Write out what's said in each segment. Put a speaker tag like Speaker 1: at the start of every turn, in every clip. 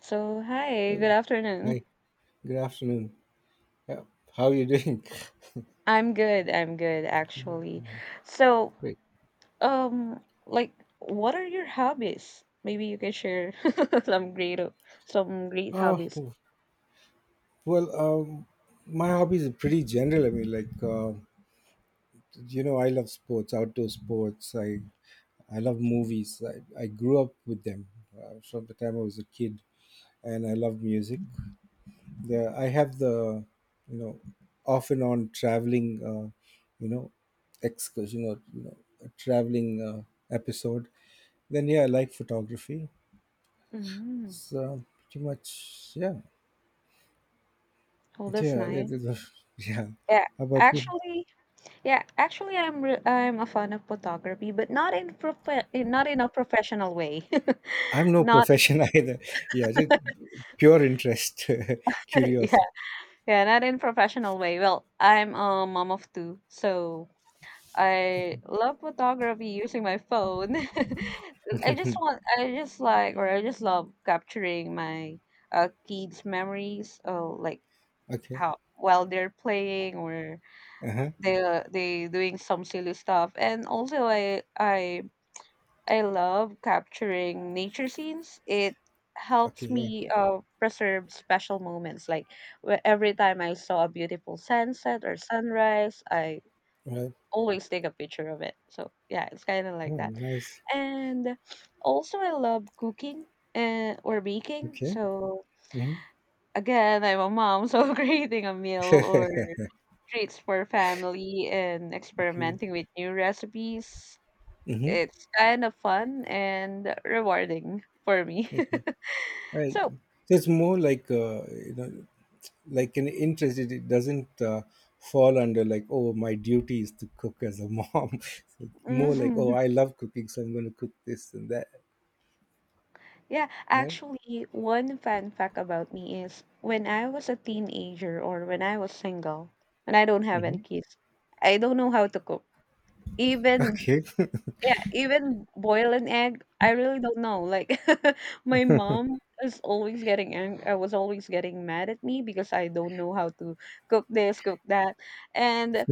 Speaker 1: So, hi,
Speaker 2: Oh,
Speaker 1: good afternoon.
Speaker 2: hi, good afternoon. Uh, How are you doing?
Speaker 1: I'm good actually. So,
Speaker 2: Great.
Speaker 1: um like what are your hobbies? Maybe you can share some great some great
Speaker 2: Uh,
Speaker 1: hobbies.
Speaker 2: well, um, my hobbies are pretty general. I love sports, outdoor sports. I love movies. I grew up with them from the time I was a kid, and I love music. I have you know, off and on traveling, you know, excursion or, a traveling episode. Then, yeah, I like photography.
Speaker 1: Mm.
Speaker 2: It's pretty much, yeah.
Speaker 1: Oh, that's
Speaker 2: Yeah,
Speaker 1: nice.
Speaker 2: yeah.
Speaker 1: Yeah.
Speaker 2: How about you?
Speaker 1: Actually, yeah, actually I'm a fan of photography, but not in a professional way.
Speaker 2: I'm no
Speaker 1: Not
Speaker 2: profession either. Yeah, just pure interest,
Speaker 1: yeah.
Speaker 2: curiosity.
Speaker 1: Yeah, not in professional way. Well, I'm a mom of two, so I love photography using my phone. I just want, I just like, or I just love capturing my kids' memories, like
Speaker 2: Okay.
Speaker 1: how while they're playing or
Speaker 2: Uh huh.
Speaker 1: they doing some silly stuff. And also, I love capturing nature scenes. It
Speaker 2: Okay.
Speaker 1: helps
Speaker 2: Yeah.
Speaker 1: me preserve special moments. Like every time I saw a beautiful sunset or sunrise, I
Speaker 2: Well,
Speaker 1: always take a picture of it. So yeah, it's kind of like
Speaker 2: oh,
Speaker 1: that.
Speaker 2: nice.
Speaker 1: And also, I love cooking and or baking.
Speaker 2: Okay.
Speaker 1: So
Speaker 2: Mm-hmm.
Speaker 1: again, I'm a mom, so creating a meal or treats for family and
Speaker 2: Okay.
Speaker 1: experimenting with new recipes.
Speaker 2: Mm-hmm.
Speaker 1: It's kind of fun and rewarding for me.
Speaker 2: Okay. Well,
Speaker 1: so
Speaker 2: so it's more like like an interest. It doesn't fall under like, oh, my duty is to cook as a mom. So it's more like, oh, I love cooking, so I'm going to cook this and that.
Speaker 1: Yeah,
Speaker 2: Right.
Speaker 1: actually, one fun fact about me is when I was single, when I don't have any
Speaker 2: Mm-hmm.
Speaker 1: kids, I don't know how to cook. Even
Speaker 2: Okay.
Speaker 1: yeah, even boil an egg, I really don't know. Like my mom is always getting angry. I was always getting mad at me because I don't know how to cook this, cook that. And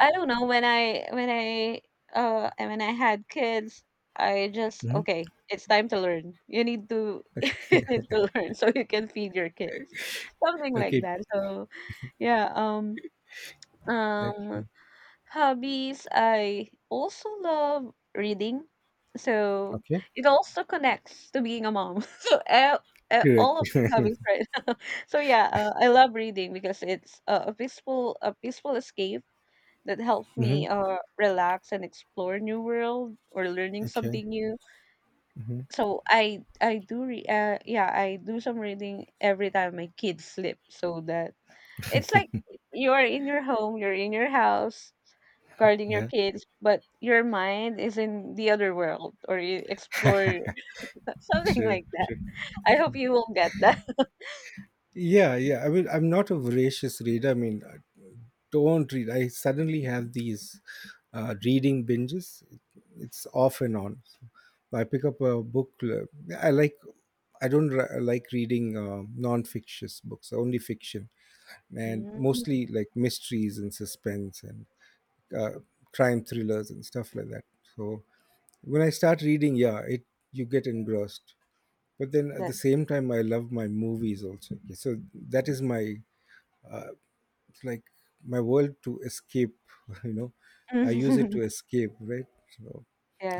Speaker 1: I don't know, and when I had kids, I just,
Speaker 2: Mhm.
Speaker 1: "Okay, it's time to learn. You need to you need to learn so you can feed your kids." Something like
Speaker 2: Okay,
Speaker 1: that. So, yeah, um,
Speaker 2: okay.
Speaker 1: hobbies, I also love reading. So,
Speaker 2: Okay.
Speaker 1: it also connects to being a mom. So,
Speaker 2: Correct.
Speaker 1: all of my hobbies, right? So, yeah, I love reading because it's a peaceful escape that helped me
Speaker 2: Mhm.
Speaker 1: relax and explore new world or learning
Speaker 2: Okay.
Speaker 1: something new.
Speaker 2: Mhm.
Speaker 1: So yeah I do some reading every time my kids sleep so that it's like you're in your home, you're in your house guarding your
Speaker 2: Yeah.
Speaker 1: kids, but your mind is in the other world or you explore something
Speaker 2: Sure.
Speaker 1: like that.
Speaker 2: Sure.
Speaker 1: I hope you will get that.
Speaker 2: Yeah. Yeah. I mean, I'm not a voracious reader. I mean, I don't read. I suddenly have these reading binges. It's off and on. So, I pick up a book. I like. I don't like reading non-fictious books. Only fiction, and
Speaker 1: Mm,
Speaker 2: mostly like mysteries and suspense and uh, crime thrillers and stuff like that. So when I start reading, yeah, it you get engrossed. But then at the
Speaker 1: that-
Speaker 2: same time, I love my movies also. Yeah, so that is my uh, it's like my world to escape. You know, I use it to escape, right? So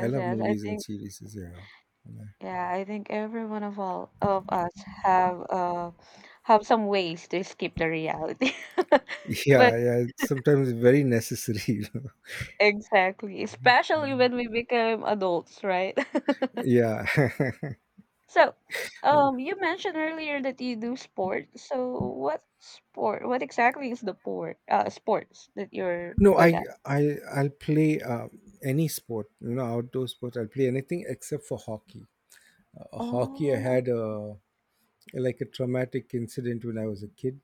Speaker 2: I love
Speaker 1: yes. I
Speaker 2: movies and
Speaker 1: think
Speaker 2: series. Yeah,
Speaker 1: Yeah, I think every one of all of us have uh have some ways to escape the reality. But
Speaker 2: yeah, yeah. Sometimes it's very necessary. You know?
Speaker 1: exactly, especially when we become adults, right?
Speaker 2: Yeah.
Speaker 1: So, you mentioned earlier that you do sport. So, what sport? What exactly is the sport? Sports that you're
Speaker 2: No,
Speaker 1: good at?
Speaker 2: I'll play any sport. You know, outdoor sport. I'll play anything except for hockey. Hockey, I
Speaker 1: Oh,
Speaker 2: had a like a traumatic incident when I was a kid.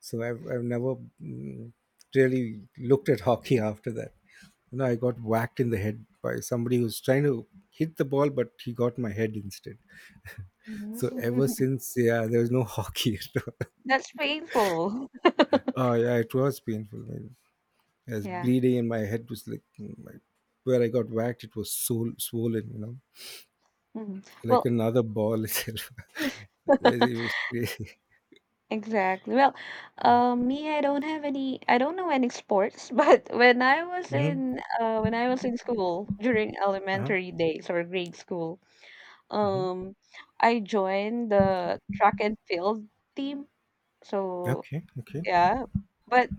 Speaker 2: So I've never mm, really looked at hockey after that. You know, I got whacked in the head by somebody who was trying to hit the ball, but he got my head instead. So ever
Speaker 1: okay.
Speaker 2: since, yeah, there was no hockey at all.
Speaker 1: That's painful.
Speaker 2: Oh, yeah, it was painful. Man. I was
Speaker 1: Yeah.
Speaker 2: bleeding and my head was like, mm, where I got whacked, it was so swollen, you know,
Speaker 1: Mhm.
Speaker 2: like
Speaker 1: Well,
Speaker 2: another ball itself. It was crazy.
Speaker 1: exactly. Well, me, I don't have any. I don't know any sports, but
Speaker 2: Hmm.
Speaker 1: when I was in school during
Speaker 2: Uh-huh.
Speaker 1: elementary days or grade school,
Speaker 2: Hmm.
Speaker 1: um, I joined the track and field team. So
Speaker 2: Okay, okay.
Speaker 1: yeah, but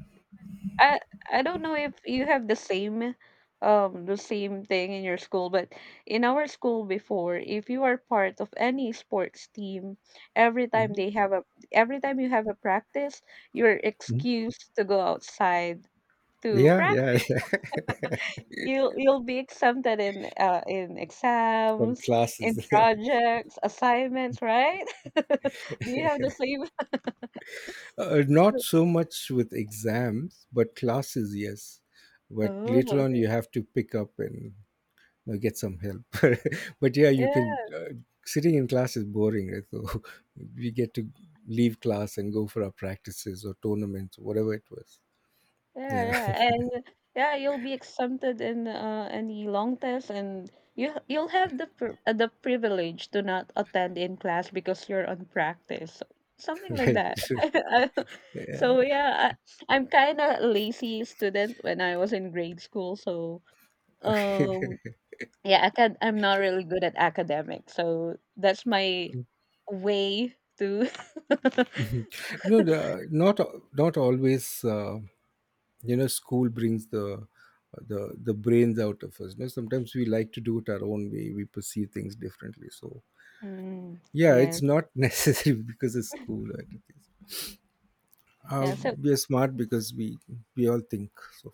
Speaker 1: I I don't know if you have the same thing in your school, but in our school before, if you are part of any sports team, every time
Speaker 2: Hmm.
Speaker 1: they have a every time you have a practice, you're excused to go outside to
Speaker 2: Yeah,
Speaker 1: practice.
Speaker 2: yeah, yeah.
Speaker 1: You'll be exempted in
Speaker 2: From
Speaker 1: exams,
Speaker 2: classes.
Speaker 1: in projects, assignments, right? Do you have the same?
Speaker 2: Not so much with exams, but classes, yes. But
Speaker 1: Oh,
Speaker 2: later on,
Speaker 1: okay.
Speaker 2: you have to pick up and you know, get some help. But yeah, you can.
Speaker 1: Yeah.
Speaker 2: Sitting in class is boring, right? So we get to leave class and go for our practices or tournaments, whatever it was.
Speaker 1: Yeah,
Speaker 2: Yeah,
Speaker 1: yeah, and yeah, you'll be exempted in any long test, and you'll have the the privilege to not attend in class because you're on practice, so, something like
Speaker 2: right.
Speaker 1: that.
Speaker 2: Yeah.
Speaker 1: so yeah, I, I'm kind of lazy student when I was in grade school, so um yeah, I'm not really good at academics, so that's my way to.
Speaker 2: Mhm. No, not not always. You know, school brings the the brains out of us, you know, sometimes we like to do it our own way, we perceive things differently, so
Speaker 1: Mm,
Speaker 2: yeah,
Speaker 1: yes,
Speaker 2: it's not necessary because of school or anything. uh,
Speaker 1: yeah. So.
Speaker 2: we are smart because we all think, so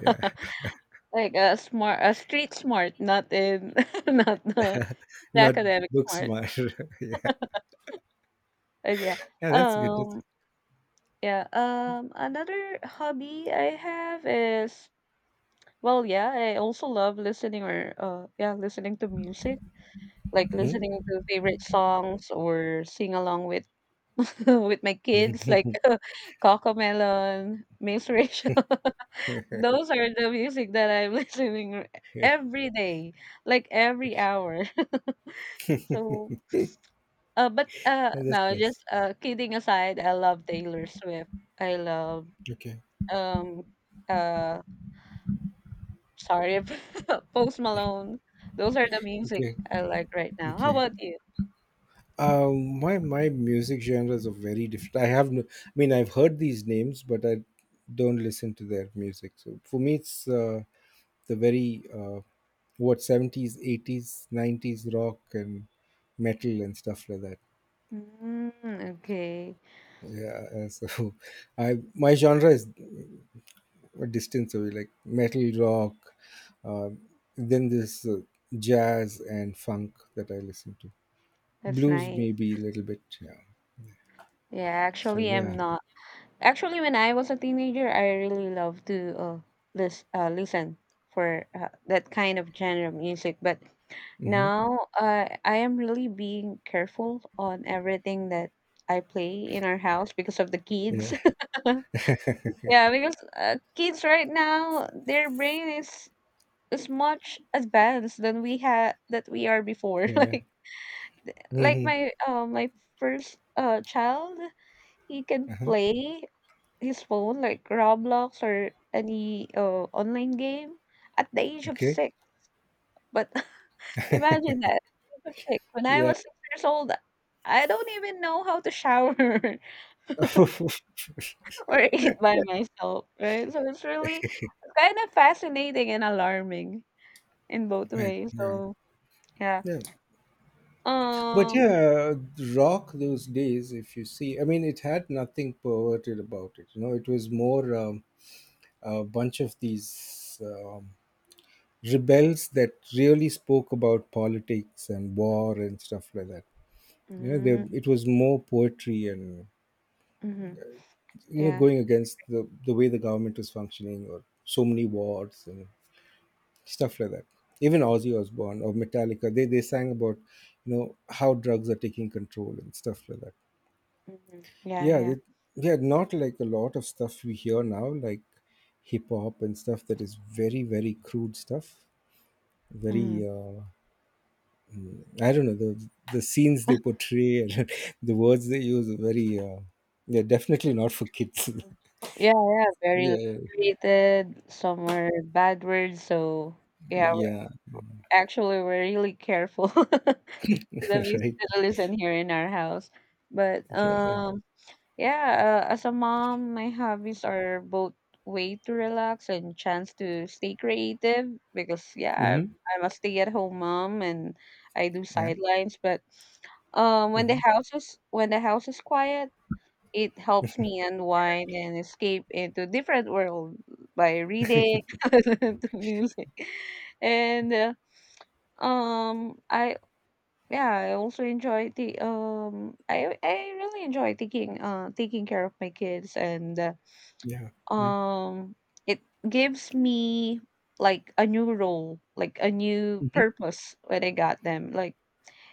Speaker 2: yeah.
Speaker 1: Like a smart, a street smart, not in, not the, the
Speaker 2: Not
Speaker 1: academic
Speaker 2: book
Speaker 1: smart.
Speaker 2: smart. Yeah,
Speaker 1: But yeah.
Speaker 2: yeah, that's good, that's,
Speaker 1: Um. Yeah. Another hobby I have is well, yeah. I also love listening or yeah, listening to music, like
Speaker 2: mhm.
Speaker 1: listening to favorite songs or sing along with with my kids, like Cocomelon, Miss Rachel. Those are the music that I'm listening every day, like every hour. So
Speaker 2: Yeah, that's
Speaker 1: no, just,
Speaker 2: nice.
Speaker 1: kidding aside, I love Taylor Swift. I love,
Speaker 2: Okay,
Speaker 1: um, uh, sorry, Post Malone. Those are the music
Speaker 2: okay,
Speaker 1: I like right now. How
Speaker 2: okay.
Speaker 1: about you?
Speaker 2: Um, my music genres are very different. I have no, I mean, I've heard these names, but I don't listen to their music, so for me it's the very what, 70s, 80s, 90s rock and metal and stuff like that,
Speaker 1: Mm, okay.
Speaker 2: yeah. So I my genre is a distance away, like metal rock. Um, then this jazz and funk that I listen to,
Speaker 1: That's
Speaker 2: blues
Speaker 1: nice.
Speaker 2: maybe a little bit, yeah,
Speaker 1: Yeah,
Speaker 2: so
Speaker 1: actually, I'm
Speaker 2: yeah.
Speaker 1: not. Actually, when I was a teenager, I really loved to listen for that kind of genre of music. But
Speaker 2: Hmm.
Speaker 1: now I am really being careful on everything that I play in our house because of the
Speaker 2: Yeah,
Speaker 1: kids. yeah, because kids right now, their brain is much advanced than we had that we are before.
Speaker 2: yeah.
Speaker 1: Like
Speaker 2: Hmm.
Speaker 1: my first child, he can
Speaker 2: Uh-huh.
Speaker 1: play his phone, like Roblox or any online game at the age of
Speaker 2: Okay.
Speaker 1: 6. But imagine that, at the age of 6. When I
Speaker 2: Yeah,
Speaker 1: was 6 years old, I don't even know how to shower or eat by myself, right? So it's really kind of fascinating and alarming in both
Speaker 2: right.
Speaker 1: ways.
Speaker 2: Yeah,
Speaker 1: So, yeah.
Speaker 2: yeah. But
Speaker 1: Um
Speaker 2: yeah, rock those days, if you see, I mean, it had nothing perverted about it. You know, it was more a bunch of these rebels that really spoke about politics and war and stuff like that. You know,
Speaker 1: mm,
Speaker 2: it was more poetry and,
Speaker 1: mhm,
Speaker 2: you know,
Speaker 1: yeah.
Speaker 2: going against the way the government was functioning or so many wars and stuff like that. Even Ozzy Osbourne or Metallica, they sang about, you know, how drugs are taking control and stuff like that.
Speaker 1: Mhm, yeah,
Speaker 2: yeah
Speaker 1: yeah.
Speaker 2: they, yeah, not like a lot of stuff we hear now like hip hop and stuff that is very, very crude stuff,
Speaker 1: Mhm.
Speaker 2: very I don't know, the scenes they portray and the words they use are very they're definitely not for kids.
Speaker 1: Yeah, yeah, very
Speaker 2: Yeah,
Speaker 1: liberated. Some were bad words, so yeah,
Speaker 2: yeah.
Speaker 1: actually, we're really careful to the music
Speaker 2: Right.
Speaker 1: that we listen here in our house. But
Speaker 2: Yeah.
Speaker 1: yeah, as a mom, my hobbies are both way to relax and chance to stay creative because yeah,
Speaker 2: Mm-hmm.
Speaker 1: I'm a stay-at-home mom and I do
Speaker 2: Yeah.
Speaker 1: sidelines. But
Speaker 2: Mm-hmm.
Speaker 1: when the house is quiet, it helps me unwind and escape into different world by reading, to music, and. I yeah, I also enjoy the I really enjoy taking taking care of my kids and
Speaker 2: Yeah, yeah.
Speaker 1: um it gives me like a new role, like a new
Speaker 2: Hmm.
Speaker 1: purpose when I got them,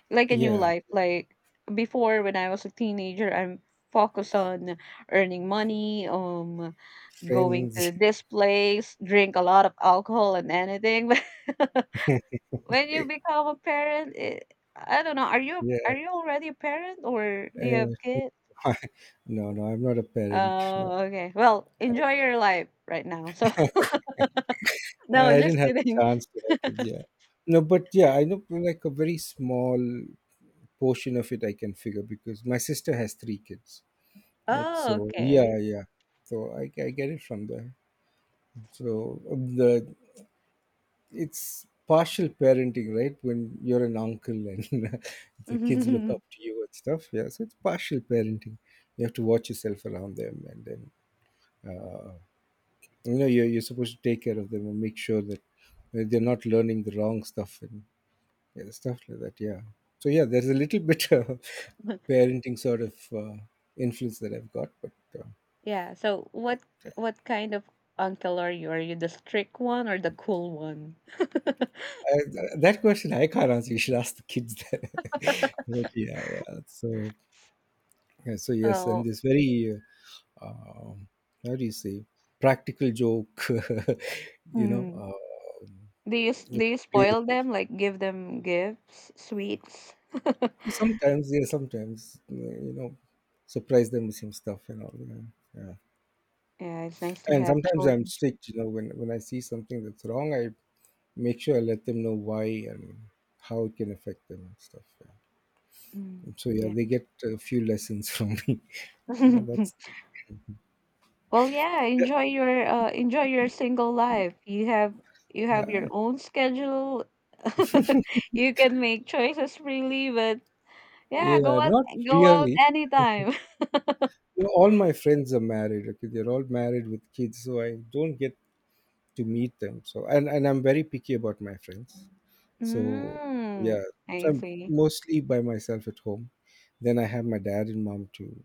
Speaker 1: like a new
Speaker 2: Yeah.
Speaker 1: life. Like before when I was a teenager, I'm focused on earning money, going
Speaker 2: Friends.
Speaker 1: to this place, drink a lot of alcohol and anything. When you become a parent, it I don't know,
Speaker 2: Yeah,
Speaker 1: are you already a parent or do you have
Speaker 2: uh,
Speaker 1: kids?
Speaker 2: no, no, I'm not a parent. No.
Speaker 1: Oh, okay. Well, enjoy your life right now. So no,
Speaker 2: Yeah, I
Speaker 1: just
Speaker 2: didn't have the
Speaker 1: kidding.
Speaker 2: chance to have kids. Yeah, no, but yeah, I know like a very small portion of it I can figure because my sister has three kids. Right?
Speaker 1: Oh,
Speaker 2: So
Speaker 1: okay.
Speaker 2: yeah, yeah. So I get it from there. So the it's partial parenting, right? When you're an uncle and the kids look up to you and stuff. Yeah, so it's partial parenting. You have to watch yourself around them, and then uh, you know, you're supposed to take care of them and make sure that they're not learning the wrong stuff and yeah, stuff like that. Yeah. So yeah, there's a little bit of parenting sort of influence that I've got, but uh,
Speaker 1: Yeah. So what kind of uncle are you? Are you the strict one or the cool one?
Speaker 2: I, that question I can't answer. You should ask the kids that. But yeah, yeah. So yeah, so yes, and
Speaker 1: Oh,
Speaker 2: this very uh, um, how do you say, practical joke, you know,
Speaker 1: mm. Do you
Speaker 2: you
Speaker 1: do you
Speaker 2: play the
Speaker 1: spoil
Speaker 2: fool.
Speaker 1: them? Like give them gifts, sweets?
Speaker 2: Sometimes, yeah, sometimes you know, surprise them with some stuff and all. Yeah. Yeah.
Speaker 1: Yeah, it's nice to
Speaker 2: And
Speaker 1: have
Speaker 2: sometimes I'm
Speaker 1: children.
Speaker 2: strict, you know, when I see something that's wrong, I make sure I let them know why and how it can affect them and stuff. Yeah.
Speaker 1: Mm.
Speaker 2: And so, yeah,
Speaker 1: Yeah.
Speaker 2: they get a few lessons from me. Yeah, that's,
Speaker 1: Well, yeah, enjoy your single life. You have your own schedule. You can make choices freely, but yeah,
Speaker 2: yeah, not
Speaker 1: go out
Speaker 2: really.
Speaker 1: anytime.
Speaker 2: You know, all my friends are married. Okay, they're all married with kids, so I don't get to meet them. So, and I'm very picky about my friends. So,
Speaker 1: Mm,
Speaker 2: yeah, so
Speaker 1: I
Speaker 2: I'm
Speaker 1: see.
Speaker 2: mostly by myself at home. Then I have my dad and mom to,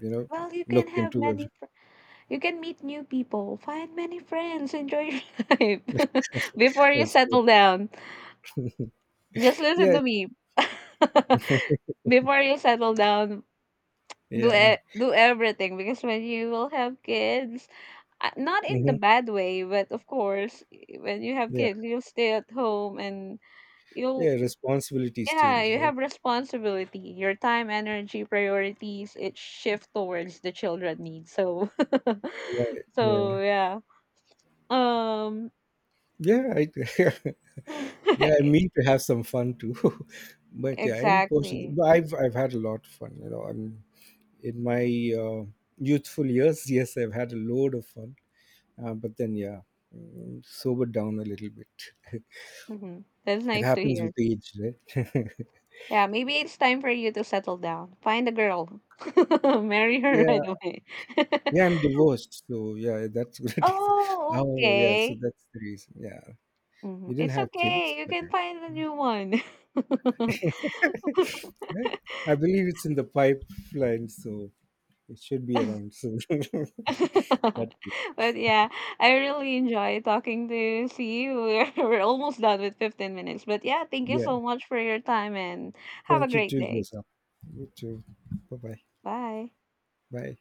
Speaker 2: you know,
Speaker 1: Well,
Speaker 2: look into
Speaker 1: you can meet new people, find many friends, enjoy your life before you
Speaker 2: as
Speaker 1: settle down. Just listen
Speaker 2: yeah,
Speaker 1: to me. Before you settle down, do
Speaker 2: yeah,
Speaker 1: do everything because when you will have kids not in the
Speaker 2: hmm,
Speaker 1: bad way but of course when you have
Speaker 2: yeah,
Speaker 1: kids you'll stay at home and
Speaker 2: yeah.
Speaker 1: you'll
Speaker 2: Responsibilities
Speaker 1: yeah
Speaker 2: change,
Speaker 1: you
Speaker 2: right?
Speaker 1: have responsibility your time energy priorities it shift towards the children needs so
Speaker 2: Right.
Speaker 1: so
Speaker 2: Yeah,
Speaker 1: yeah um
Speaker 2: yeah. Yeah, I mean to have some fun too, but yeah, in Portugal,
Speaker 1: exactly.
Speaker 2: but I've had a lot of fun. You know, I'm in my uh, youthful years. Yes, I've had a load of fun, but then yeah, mm, sobered down a little bit.
Speaker 1: Hmm, that's
Speaker 2: It
Speaker 1: nice to
Speaker 2: happens
Speaker 1: hear.
Speaker 2: with age, right?
Speaker 1: Yeah, maybe it's time for you to settle down, find a girl marry her
Speaker 2: Yeah,
Speaker 1: right away.
Speaker 2: yeah. I'm divorced, so yeah, that's what it is.
Speaker 1: Oh,
Speaker 2: Oh, yeah. So
Speaker 1: okay.
Speaker 2: that's the reason. Yeah,
Speaker 1: Mhm.
Speaker 2: you didn't
Speaker 1: It's
Speaker 2: have
Speaker 1: okay.
Speaker 2: kids,
Speaker 1: You
Speaker 2: but
Speaker 1: can find a new one.
Speaker 2: right? I believe it's in the pipeline, so it should be around soon. That
Speaker 1: But yeah, I really enjoy talking to see you. We're almost done with 15 minutes. But yeah, thank you
Speaker 2: yeah.
Speaker 1: so much for your time and have a
Speaker 2: Thank you
Speaker 1: great
Speaker 2: too,
Speaker 1: day.
Speaker 2: Joseph. You too. Bye bye.
Speaker 1: Bye.
Speaker 2: Bye.